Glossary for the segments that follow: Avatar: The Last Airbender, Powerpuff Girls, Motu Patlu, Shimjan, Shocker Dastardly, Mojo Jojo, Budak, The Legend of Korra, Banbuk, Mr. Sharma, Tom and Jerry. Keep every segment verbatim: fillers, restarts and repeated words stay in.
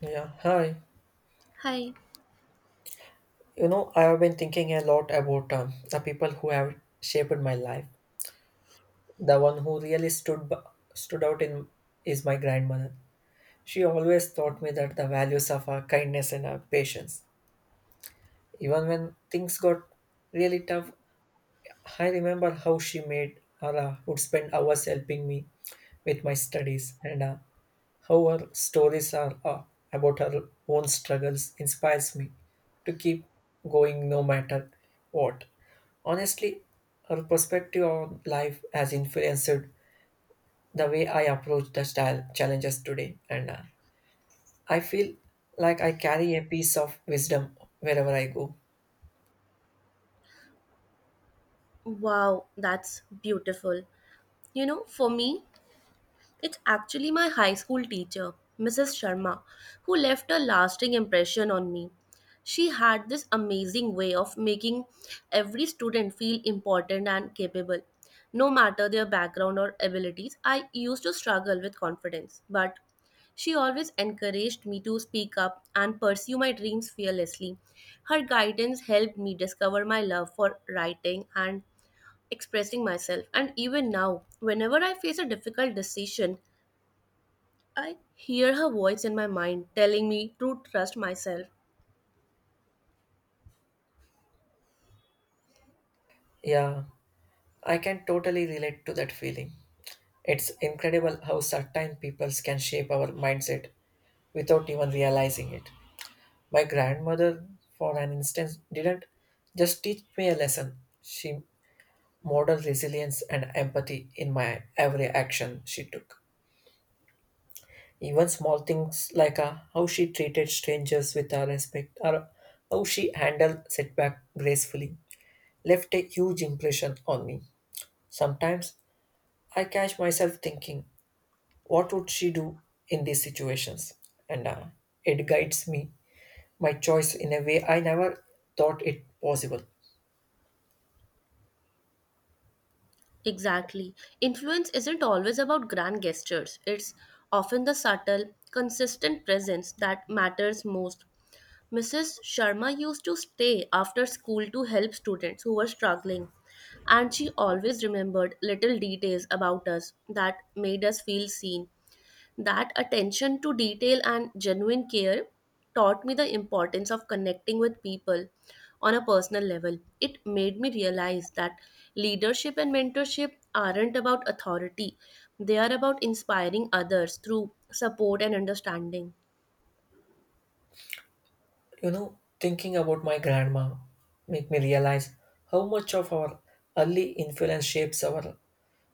Yeah, hi. Hi. You know, I have been thinking a lot about um, the people who have shaped my life. The one who really stood b- stood out in is my grandmother. She always taught me that the values of our kindness and our patience. Even when things got really tough, I remember how she made or uh, would spend hours helping me with my studies, and uh, how her stories are uh, about her own struggles inspires me to keep going no matter what. Honestly, her perspective on life has influenced the way I approach the style challenges today, and uh, I feel like I carry a piece of wisdom wherever I go. Wow, that's beautiful. You know, for me, it's actually my high school teacher, missus Sharma, who left a lasting impression on me. She had this amazing way of making every student feel important and capable. No matter their background or abilities, I used to struggle with confidence, but she always encouraged me to speak up and pursue my dreams fearlessly. Her guidance helped me discover my love for writing and expressing myself. And even now, whenever I face a difficult decision, I hear her voice in my mind telling me to trust myself. Yeah, I can totally relate to that feeling. It's incredible how certain peoples can shape our mindset without even realizing it. My grandmother, for an instance, didn't just teach me a lesson. She modeled resilience and empathy in my every action she took. Even small things like uh, how she treated strangers with uh, respect or how she handled setback gracefully left a huge impression on me. Sometimes I catch myself thinking, what would she do in these situations? And uh, It guides me, my choice in a way I never thought it possible. Exactly. Influence isn't always about grand gestures, it's often the subtle, consistent presence that matters most. missus Sharma used to stay after school to help students who were struggling, and she always remembered little details about us that made us feel seen. That attention to detail and genuine care taught me the importance of connecting with people on a personal level. It made me realize that leadership and mentorship aren't about authority, they are about inspiring others through support and understanding. You know, thinking about my grandma make me realize how much of our early influence shapes our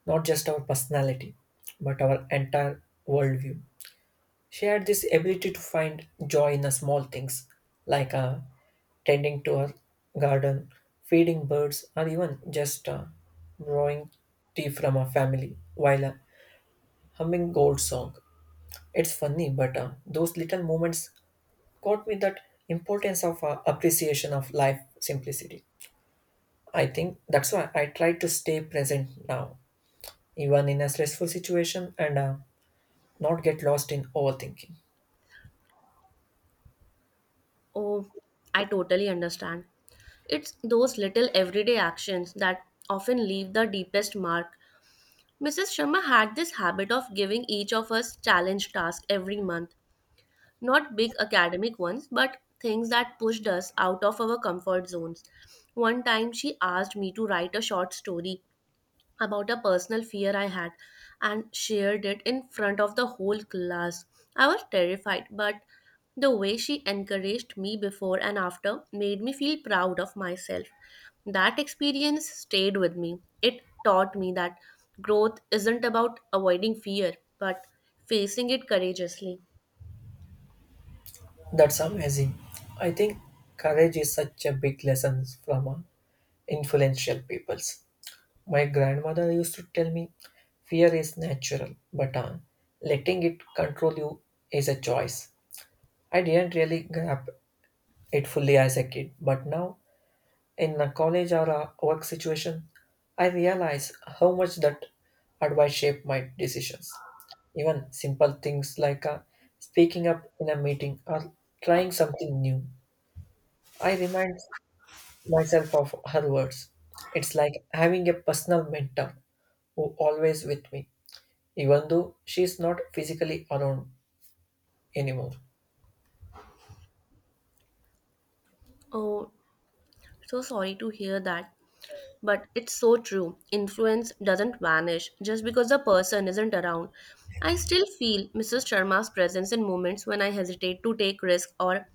not just our personality, but our entire worldview. She had this ability to find joy in the small things, like uh, tending to her garden, feeding birds, or even just uh, drawing tea from her family while uh, humming gold song. It's funny, but uh, those little moments taught me that importance of uh, appreciation of life simplicity. I think that's why I try to stay present now, even in a stressful situation and uh, not get lost in overthinking. Oh, I totally understand. It's those little everyday actions that often leave the deepest mark. missus Sharma had this habit of giving each of us challenge tasks every month, not big academic ones, but things that pushed us out of our comfort zones. One time she asked me to write a short story about a personal fear I had and shared it in front of the whole class. I was terrified, but the way she encouraged me before and after made me feel proud of myself. That experience stayed with me. It taught me that growth isn't about avoiding fear, but facing it courageously. That's amazing. I think courage is such a big lesson from uh, influential peoples. My grandmother used to tell me, fear is natural, but uh, letting it control you is a choice. I didn't really grasp it fully as a kid, but now in a college or a work situation, I realize how much that advice shaped my decisions. Even simple things like uh, speaking up in a meeting or trying something new. I remind myself of her words. It's like having a personal mentor who always with me, even though she is not physically around anymore. Oh, so sorry to hear that, but it's so true. Influence doesn't vanish just because the person isn't around. I still feel missus Sharma's presence in moments when I hesitate to take risks or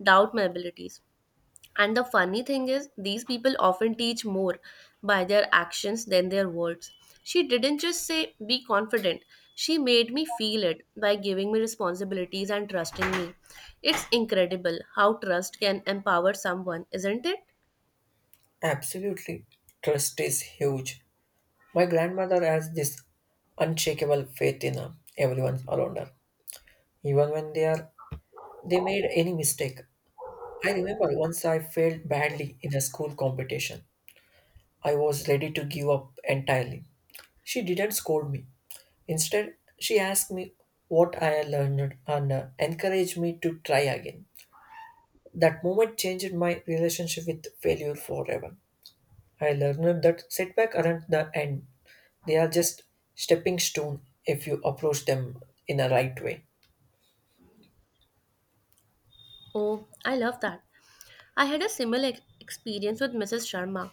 doubt my abilities. And the funny thing is, these people often teach more by their actions than their words. She didn't just say, be confident. She made me feel it by giving me responsibilities and trusting me. It's incredible how trust can empower someone, isn't it? Absolutely, trust is huge. My grandmother has this unshakable faith in her, everyone around her, even when they are they made any mistake. I remember once I failed badly in a school competition. I was ready to give up entirely. She didn't scold me. Instead, she asked me what I had learned and uh, encouraged me to try again. That moment changed my relationship with failure forever. I learned that setbacks aren't the end, they are just stepping stone if you approach them in the right way. Oh, I love that. I had a similar ex- experience with missus Sharma.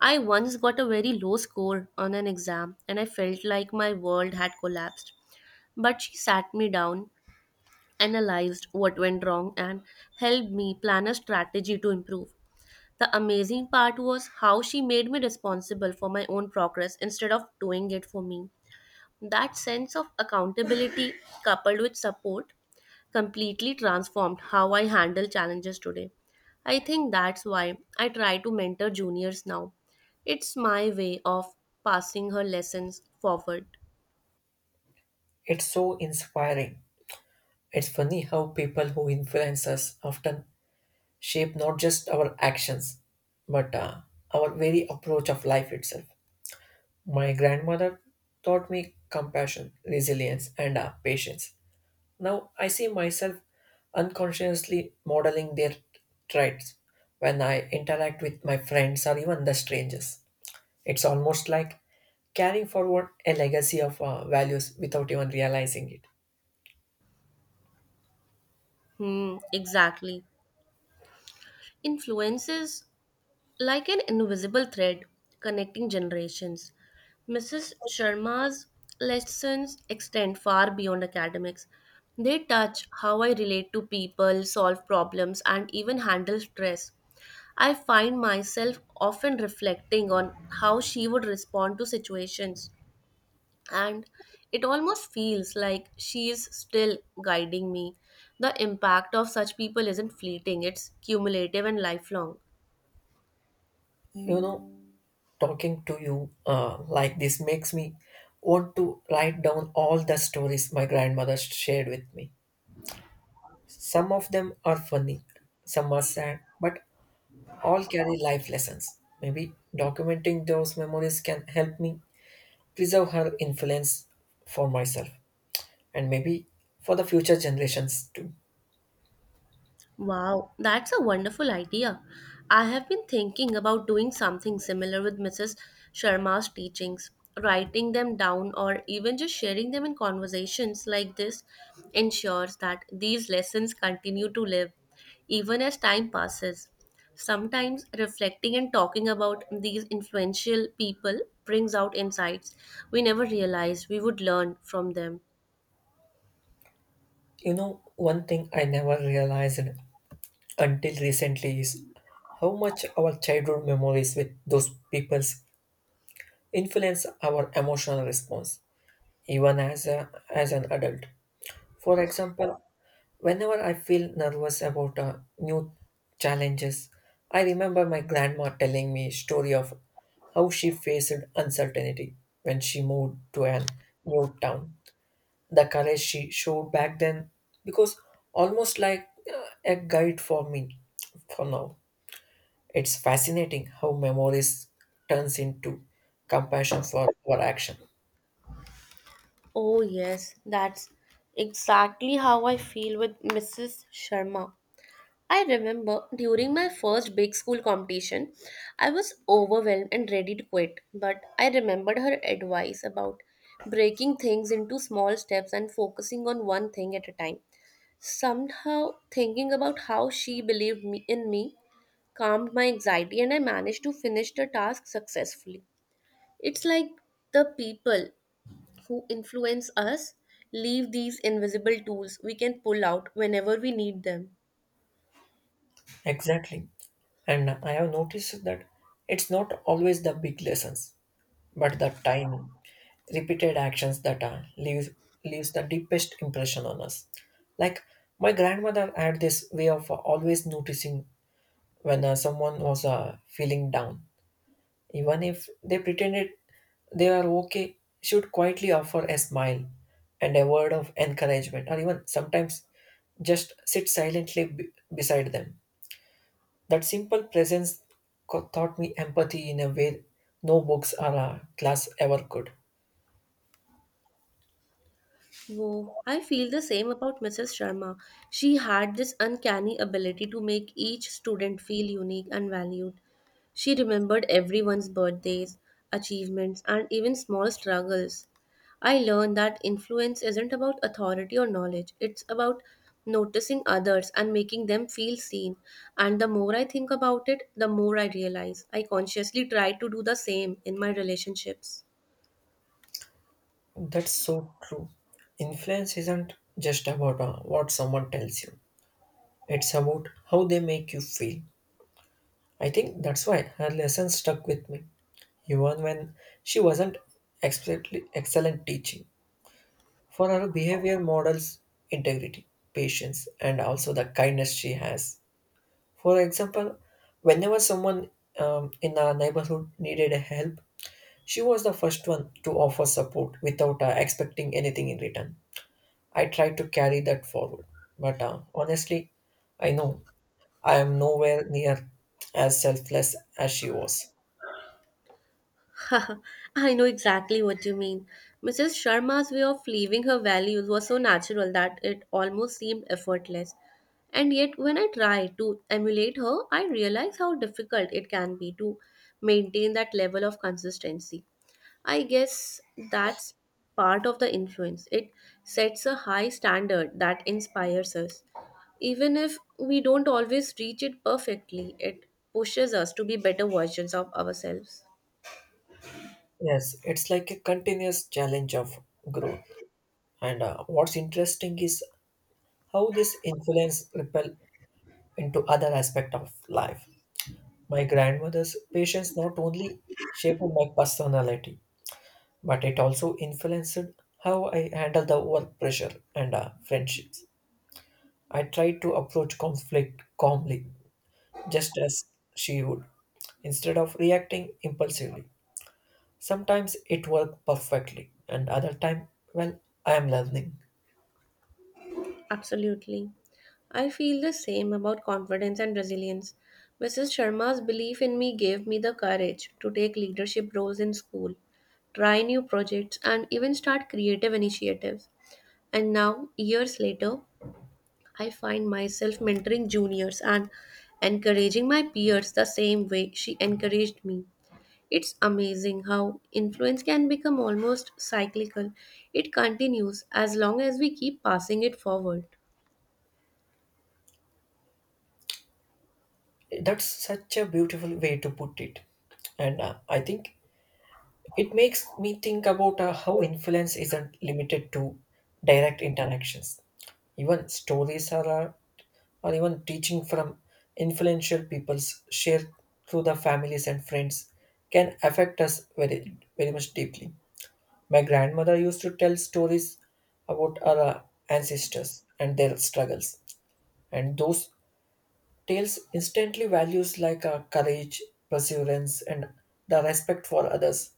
I once got a very low score on an exam and I felt like my world had collapsed. But she sat me down, analyzed what went wrong, and helped me plan a strategy to improve. The amazing part was how she made me responsible for my own progress instead of doing it for me. That sense of accountability coupled with support completely transformed how I handle challenges today. I think that's why I try to mentor juniors now. It's my way of passing her lessons forward. It's so inspiring. It's funny how people who influence us often shape not just our actions, but uh, our very approach of life itself. My grandmother taught me compassion, resilience, and uh, patience. Now I see myself unconsciously modeling their traits when I interact with my friends or even the strangers. It's almost like carrying forward a legacy of uh, values without even realizing it. Hmm, exactly. Influence is like an invisible thread connecting generations. missus Sharma's lessons extend far beyond academics. They touch how I relate to people, solve problems, and even handle stress. I find myself often reflecting on how she would respond to situations, and it almost feels like she is still guiding me. The impact of such people isn't fleeting, it's cumulative and lifelong. You know, Talking to you uh, like this makes me want to write down all the stories my grandmother shared with me. Some of them are funny, some are sad, but all carry life lessons. Maybe documenting those memories can help me preserve her influence for myself and maybe for the future generations too. Wow, that's a wonderful idea. I have been thinking about doing something similar with missus Sharma's teachings, writing them down or even just sharing them in conversations like this ensures that these lessons continue to live even as time passes. Sometimes reflecting and talking about these influential people brings out insights we never realized we would learn from them. You know, one thing I never realized until recently is how much our childhood memories with those peoples influence our emotional response, even as, a, as an adult. For example, whenever I feel nervous about uh, new challenges, I remember my grandma telling me story of how she faced uncertainty when she moved to an new town. The courage she showed back then, because almost like uh, a guide for me for now. It's fascinating how memories turns into compassion for our action. Oh, yes, that's exactly how I feel with missus Sharma. I remember during my first big school competition, I was overwhelmed and ready to quit, but I remembered her advice about breaking things into small steps and focusing on one thing at a time. Somehow, thinking about how she believed me, in me, calmed my anxiety, and I managed to finish the task successfully. It's like the people who influence us leave these invisible tools we can pull out whenever we need them. Exactly. And I have noticed that it's not always the big lessons, but the tiny, repeated actions that uh, leaves leaves the deepest impression on us. Like my grandmother had this way of always noticing when uh, someone was uh, feeling down, even if they pretended they are okay. She would quietly offer a smile and a word of encouragement, or even sometimes just sit silently b- beside them that simple presence co- taught me empathy in a way no books or a class ever could. Whoa, I feel the same about missus Sharma. She had this uncanny ability to make each student feel unique and valued. She remembered everyone's birthdays, achievements, and even small struggles. I learned that influence isn't about authority or knowledge, it's about noticing others and making them feel seen. And the more I think about it, the more I realize I consciously try to do the same in my relationships. That's so true. Influence isn't just about uh, what someone tells you, it's about how they make you feel. I think that's why her lesson stuck with me, even when she wasn't explicitly excellent teaching. For her behavior models integrity, patience, and also the kindness she has. For example, whenever someone um, in our neighborhood needed help, she was the first one to offer support without uh, expecting anything in return. I tried to carry that forward, but uh, honestly, I know I am nowhere near as selfless as she was. I know exactly what you mean. missus Sharma's way of leaving her values was so natural that it almost seemed effortless. And yet, when I try to emulate her, I realize how difficult it can be to maintain that level of consistency. I guess that's part of the influence. It sets a high standard that inspires us. Even if we don't always reach it perfectly, it pushes us to be better versions of ourselves. Yes, it's like a continuous challenge of growth. And uh, What's interesting is how this influence ripple into other aspect of life. My grandmother's patience not only shaped my personality, but it also influenced how I handle the work pressure and uh, friendships. I tried to approach conflict calmly, just as she would, instead of reacting impulsively. Sometimes it worked perfectly, and other time, well, I am learning. Absolutely. I feel the same about confidence and resilience. missus Sharma's belief in me gave me the courage to take leadership roles in school, try new projects, and even start creative initiatives. And now, years later, I find myself mentoring juniors and encouraging my peers the same way she encouraged me. It's amazing how influence can become almost cyclical. It continues as long as we keep passing it forward. That's such a beautiful way to put it, and uh, I think it makes me think about uh, how influence isn't limited to direct interactions. Even stories are, uh, or even teaching from influential peoples shared through the families and friends can affect us very, very much deeply. My grandmother used to tell stories about our uh, ancestors and their struggles, and those tales instantly values like uh, courage, perseverance, and the respect for others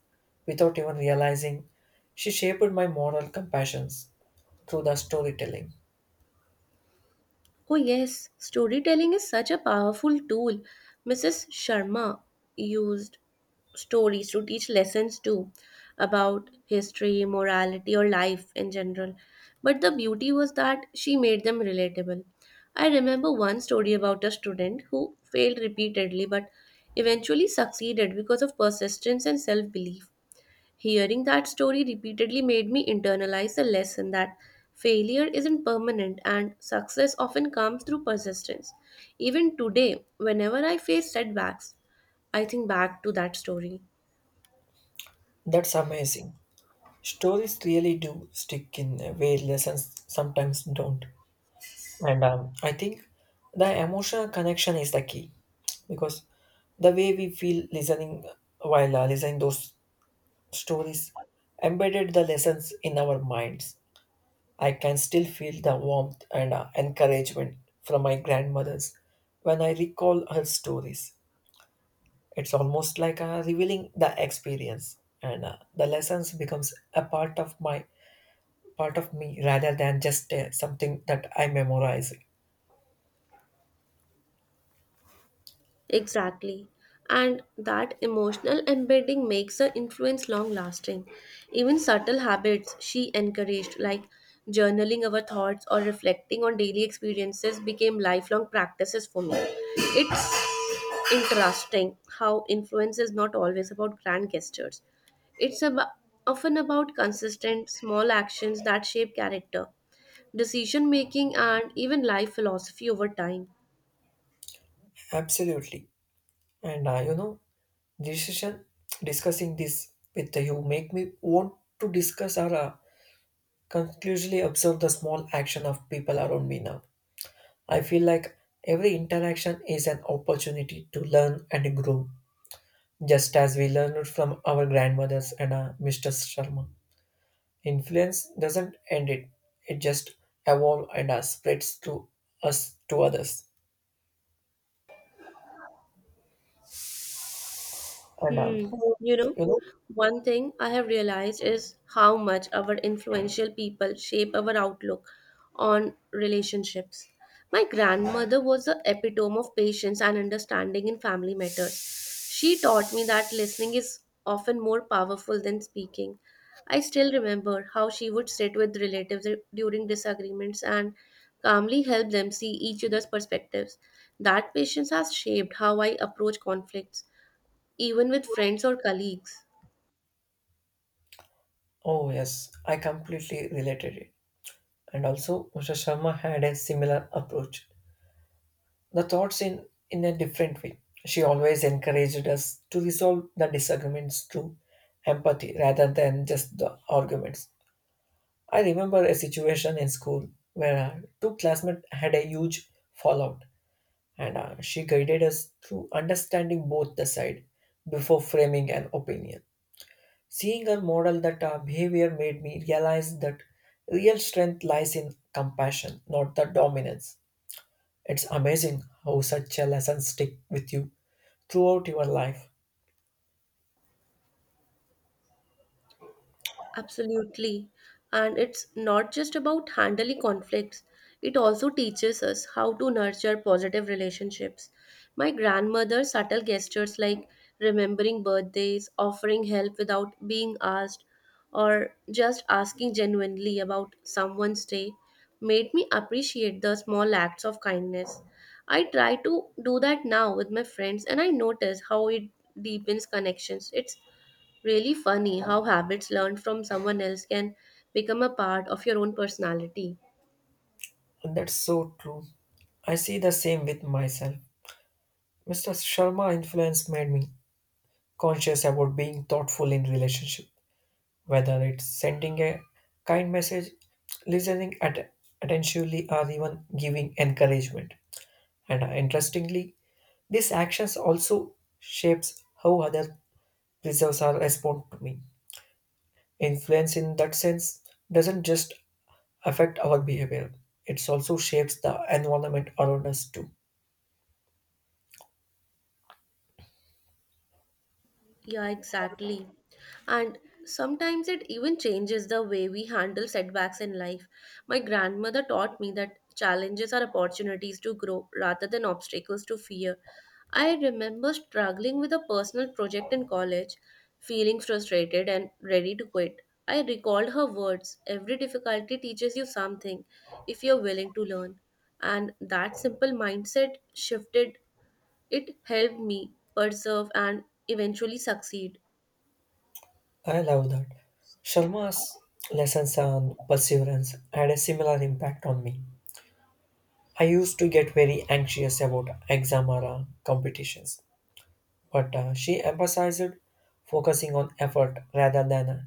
without even realizing she shaped my moral compassions through the storytelling. Oh, yes, storytelling is such a powerful tool. missus Sharma used stories to teach lessons too, about history, morality, or life in general. But the beauty was that she made them relatable. I remember one story about a student who failed repeatedly but eventually succeeded because of persistence and self belief. Hearing that story repeatedly made me internalize the lesson that failure isn't permanent and success often comes through persistence. Even today, whenever I face setbacks, I think back to that story. That's amazing. Stories really do stick in a way lessons sometimes don't. And um, I think the emotional connection is the key because the way we feel listening while uh, listening those stories embedded the lessons in our minds. I can still feel the warmth and uh, encouragement from my grandmother's when I recall her stories. It's almost like uh, revealing the experience, and uh, the lessons becomes a part of my part of me rather than just uh, something that I memorize. Exactly. And that emotional embedding makes the influence long lasting. Even subtle habits she encouraged, like journaling our thoughts or reflecting on daily experiences, became lifelong practices for me. It's interesting how influence is not always about grand gestures, it's about, often about consistent, small actions that shape character, decision making, and even life philosophy over time. Absolutely, and uh, you know, decision discussing this with you make me want to discuss or uh, conclusively observe the small action of people around me now. I feel like every interaction is an opportunity to learn and grow, just as we learned from our grandmothers and uh, mister Sharma. Influence doesn't end it; it just evolves and uh, spreads to us to others. And uh, Hmm. You know, you know, one thing I have realized is how much our influential people shape our outlook on relationships. My grandmother was the epitome of patience and understanding in family matters. She taught me that listening is often more powerful than speaking. I still remember how she would sit with relatives during disagreements and calmly help them see each other's perspectives. That patience has shaped how I approach conflicts even with friends or colleagues. oh yes, I completely related it. And also, mister Sharma had a similar approach. The thoughts in in a different way, she always encouraged us to resolve the disagreements through empathy rather than just the arguments. I remember a situation in school where uh, two classmates had a huge fallout, and uh, she guided us through understanding both the side before framing an opinion. Seeing her model that uh, behavior made me realize that real strength lies in compassion, not the dominance. It's amazing how such a lesson stick with you throughout your life. Absolutely. And it's not just about handling conflicts, it also teaches us how to nurture positive relationships. My grandmother's subtle gestures, like remembering birthdays, offering help without being asked, or just asking genuinely about someone's day, made me appreciate the small acts of kindness. I try to do that now with my friends and I notice how it deepens connections. It's really funny how habits learned from someone else can become a part of your own personality. And that's so true. I see the same with myself. mister Sharma influence made me conscious about being thoughtful in relationship, whether it's sending a kind message, listening at attentively, or even giving encouragement. And uh, Interestingly, these actions also shapes how other preserves or respond to me. Influence in that sense doesn't just affect our behavior. It also shapes the environment around us too. Yeah, exactly. And sometimes it even changes the way we handle setbacks in life. My grandmother taught me that challenges are opportunities to grow rather than obstacles to fear. I remember struggling with a personal project in college, feeling frustrated and ready to quit. I recalled her words: every difficulty teaches you something if you're willing to learn. And that simple mindset shifted, it helped me persevere and eventually succeed. I love that. Sharma's lessons on perseverance had a similar impact on me. I used to get very anxious about exam or uh, competitions, but uh, she emphasized focusing on effort rather than uh,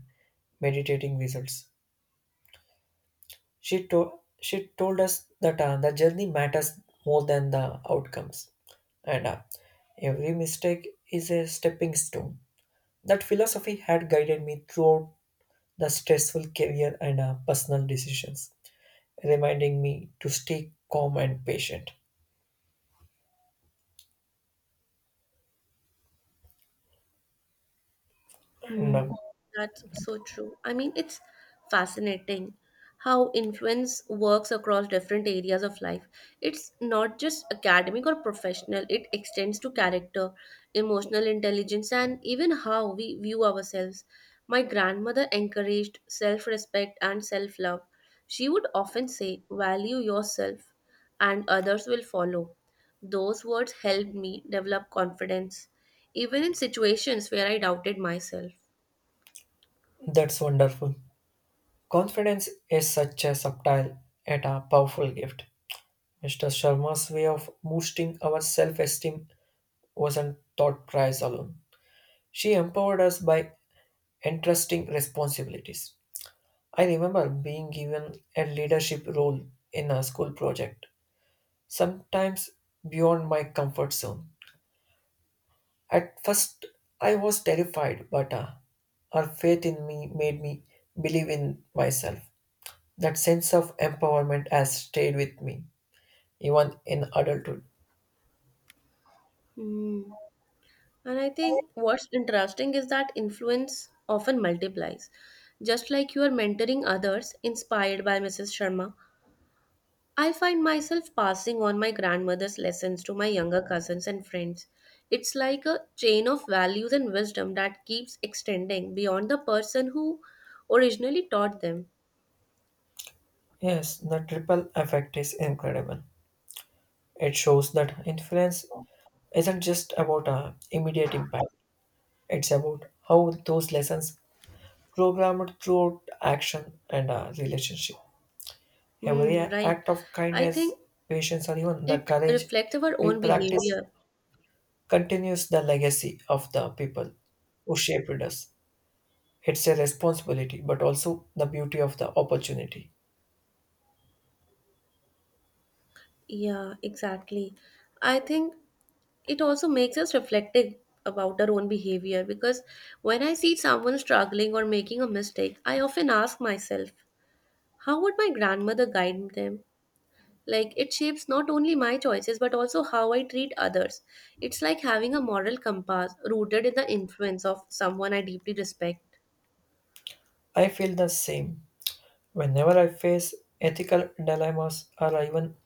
meditating results. She, to- she told us that uh, the journey matters more than the outcomes, and uh, every mistake is a stepping stone. That philosophy had guided me throughout the stressful career and uh, personal decisions, reminding me to stay calm and patient. And Hmm. um, That's so true. I mean, it's fascinating how influence works across different areas of life. It's not just academic or professional, it extends to character, emotional intelligence, and even how we view ourselves. My grandmother encouraged self respect and self love. She would often say, value yourself, and others will follow. Those words helped me develop confidence, even in situations where I doubted myself. That's wonderful. Confidence is such a subtle yet a powerful gift. mister Sharma's way of boosting our self esteem wasn't taught prize alone. She empowered us by entrusting responsibilities. I remember being given a leadership role in a school project, sometimes beyond my comfort zone. At first, I was terrified, but uh, her faith in me made me believe in myself. That sense of empowerment has stayed with me, even in adulthood. And I think what's interesting is that influence often multiplies. Just like you are mentoring others, inspired by missus Sharma, I find myself passing on my grandmother's lessons to my younger cousins and friends. It's like a chain of values and wisdom that keeps extending beyond the person who originally taught them. Yes, the triple effect is incredible. It shows that influence isn't just about uh, immediate impact, it's about how those lessons programmed throughout action and uh, relationship. Every Hmm, right. act of I think kindness, patience, or even the it courage reflects our we own practice behavior. continues the legacy of the people who shaped us. It's a responsibility, but also the beauty of the opportunity. Yeah, exactly. I think it also makes us reflective about our own behavior, because when I see someone struggling or making a mistake, I often ask myself, how would my grandmother guide them? Like, it shapes not only my choices but also how I treat others. It's like having a moral compass rooted in the influence of someone I deeply respect. I feel the same whenever I face ethical dilemmas or even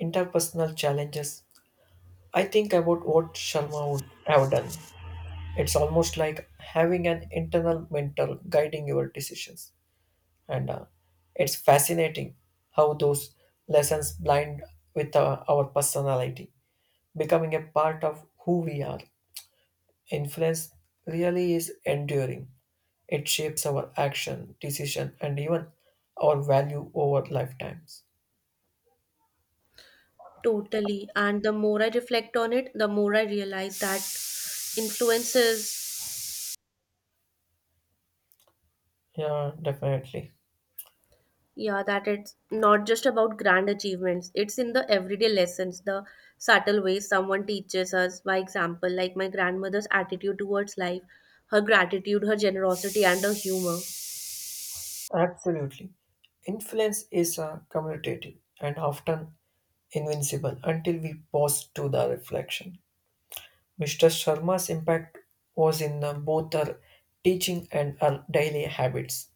interpersonal challenges. I think about what Sharma would have done. It's almost like having an internal mentor guiding your decisions. And uh, It's fascinating how those lessons blind with uh, our personality, becoming a part of who we are. Influence really is enduring. It shapes our action, decision, and even our value over lifetimes. Totally. And the more I reflect on it, the more I realize that influences, Yeah, definitely. yeah, that it's not just about grand achievements. It's in the everyday lessons, the subtle ways someone teaches us by example, like my grandmother's attitude towards life, her gratitude, her generosity, and her humor. Absolutely. Influence is uh, commutative and often invincible until we pause to the reflection. mister Sharma's impact was in uh, both her teaching and her daily habits.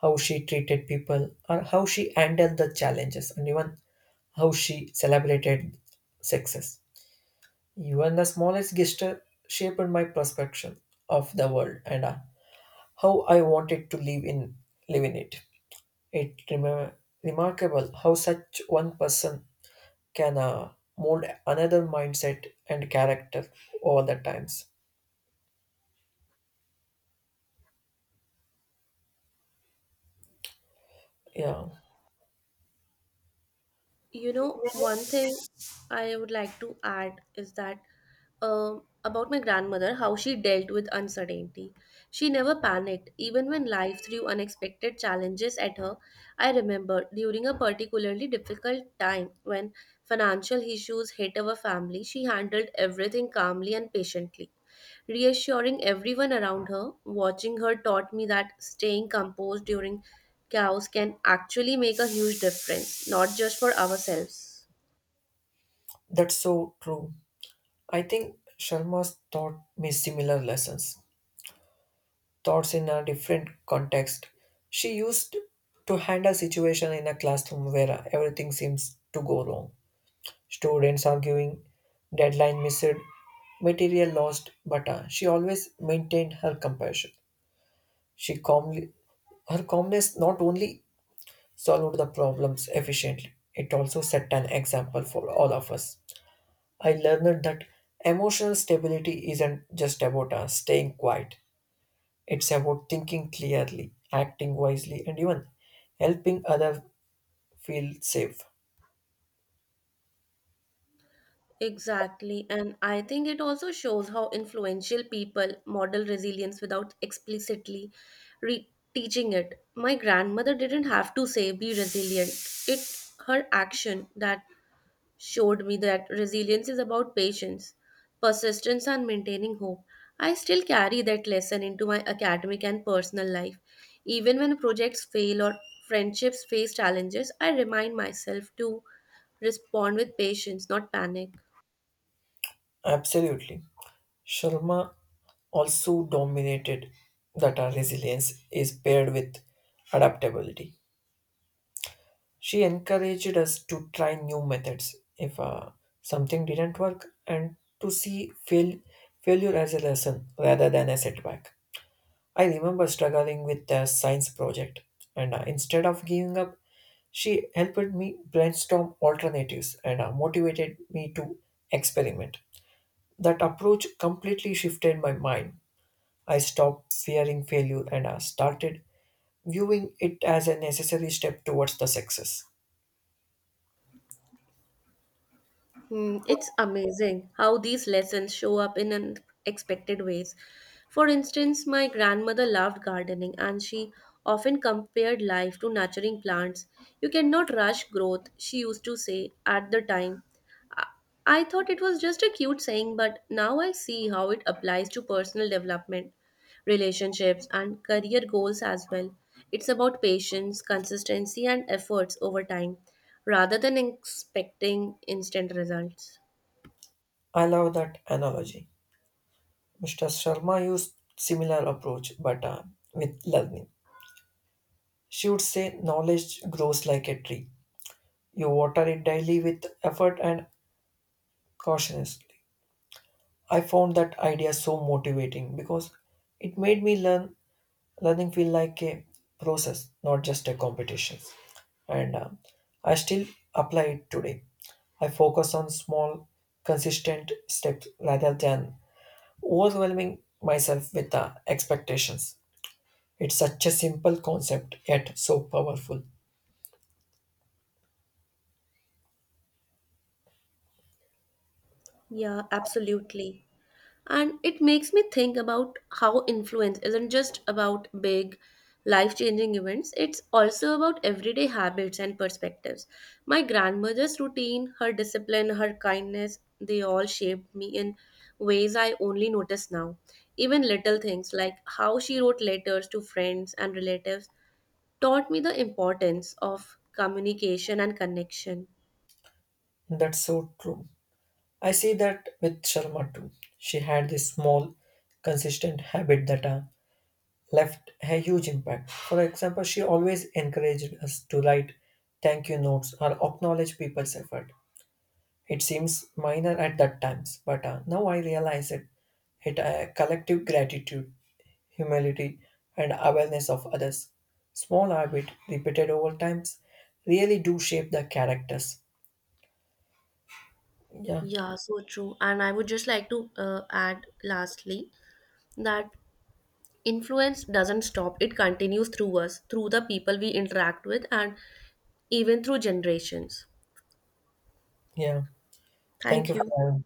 How she treated people, or how she handled the challenges, and even how she celebrated success. Even the smallest gesture shaped my perception of the world and uh, how I wanted to live in live in it. It remar- Remarkable how such one person can uh, mold another mindset and character over the times. Yeah, You know, one thing I would like to add is that, um, about my grandmother, how she dealt with uncertainty. She never panicked even when life threw unexpected challenges at her. I remember during a particularly difficult time when financial issues hit our family, she handled everything calmly and patiently, reassuring everyone around her. Watching her taught me that staying composed during chaos can actually make a huge difference, not just for ourselves. that's so true. I think Sharma's taught me similar lessons. Thoughts in a different context. She used to handle situation in a classroom where everything seems to go wrong. Students arguing, deadline missed, material lost, but uh, she always maintained her compassion. She calmly, her calmness not only solved the problems efficiently, it also set an example for all of us. I learned that emotional stability isn't just about uh, staying quiet. It's about thinking clearly, acting wisely, and even helping others feel safe. Exactly, and I think it also shows how influential people model resilience without explicitly re- teaching it. My grandmother didn't have to say, be resilient. It her action that showed me that resilience is about patience, persistence, and maintaining hope. I still carry that lesson into my academic and personal life. Even when projects fail or friendships face challenges, I remind myself to respond with patience, not panic. Absolutely. Sharma also dominated that our resilience is paired with adaptability. She encouraged us to try new methods if uh, something didn't work and to see fail, failure as a lesson rather than a setback. I remember struggling with a science project, and uh, instead of giving up, she helped me brainstorm alternatives and uh, motivated me to experiment. That approach completely shifted my mind. I stopped fearing failure and uh, started viewing it as a necessary step towards the success. Hmm, it's amazing how these lessons show up in unexpected ways. For instance, my grandmother loved gardening and she often compared life to nurturing plants. You cannot rush growth, she used to say at the time. I I thought it was just a cute saying, but now I see how it applies to personal development, relationships, and career goals as well. It's about patience, consistency, and efforts over time rather than expecting instant results. I love that analogy. mister Sharma used similar approach, but uh, with learning. She would say knowledge grows like a tree. You water it daily with effort and cautiously. I found that idea so motivating because it made me learn learning feel like a process, not just a competition. And uh, I still apply it today. I focus on small, consistent steps rather than overwhelming myself with uh, expectations. It's such a simple concept yet so powerful. Yeah, absolutely. And it makes me think about how influence isn't just about big, life changing events, it's also about everyday habits and perspectives. My grandmother's routine, her discipline, her kindness, they all shaped me in ways I only notice now. Even little things like how she wrote letters to friends and relatives taught me the importance of communication and connection. That's so true. I see that with Sharma too. She had this small, consistent habit that uh, left a huge impact. For example, she always encouraged us to write thank you notes or acknowledge people's effort. It seems minor at that times, but uh, now I realize it. It uh, collective gratitude, humility, and awareness of others. Small habit repeated over times really do shape the characters. Yeah, Yeah, so true. And I would just like to uh, add lastly that influence doesn't stop, it continues through us, through the people we interact with, and even through generations. yeah. Thank Thank you for you. having me.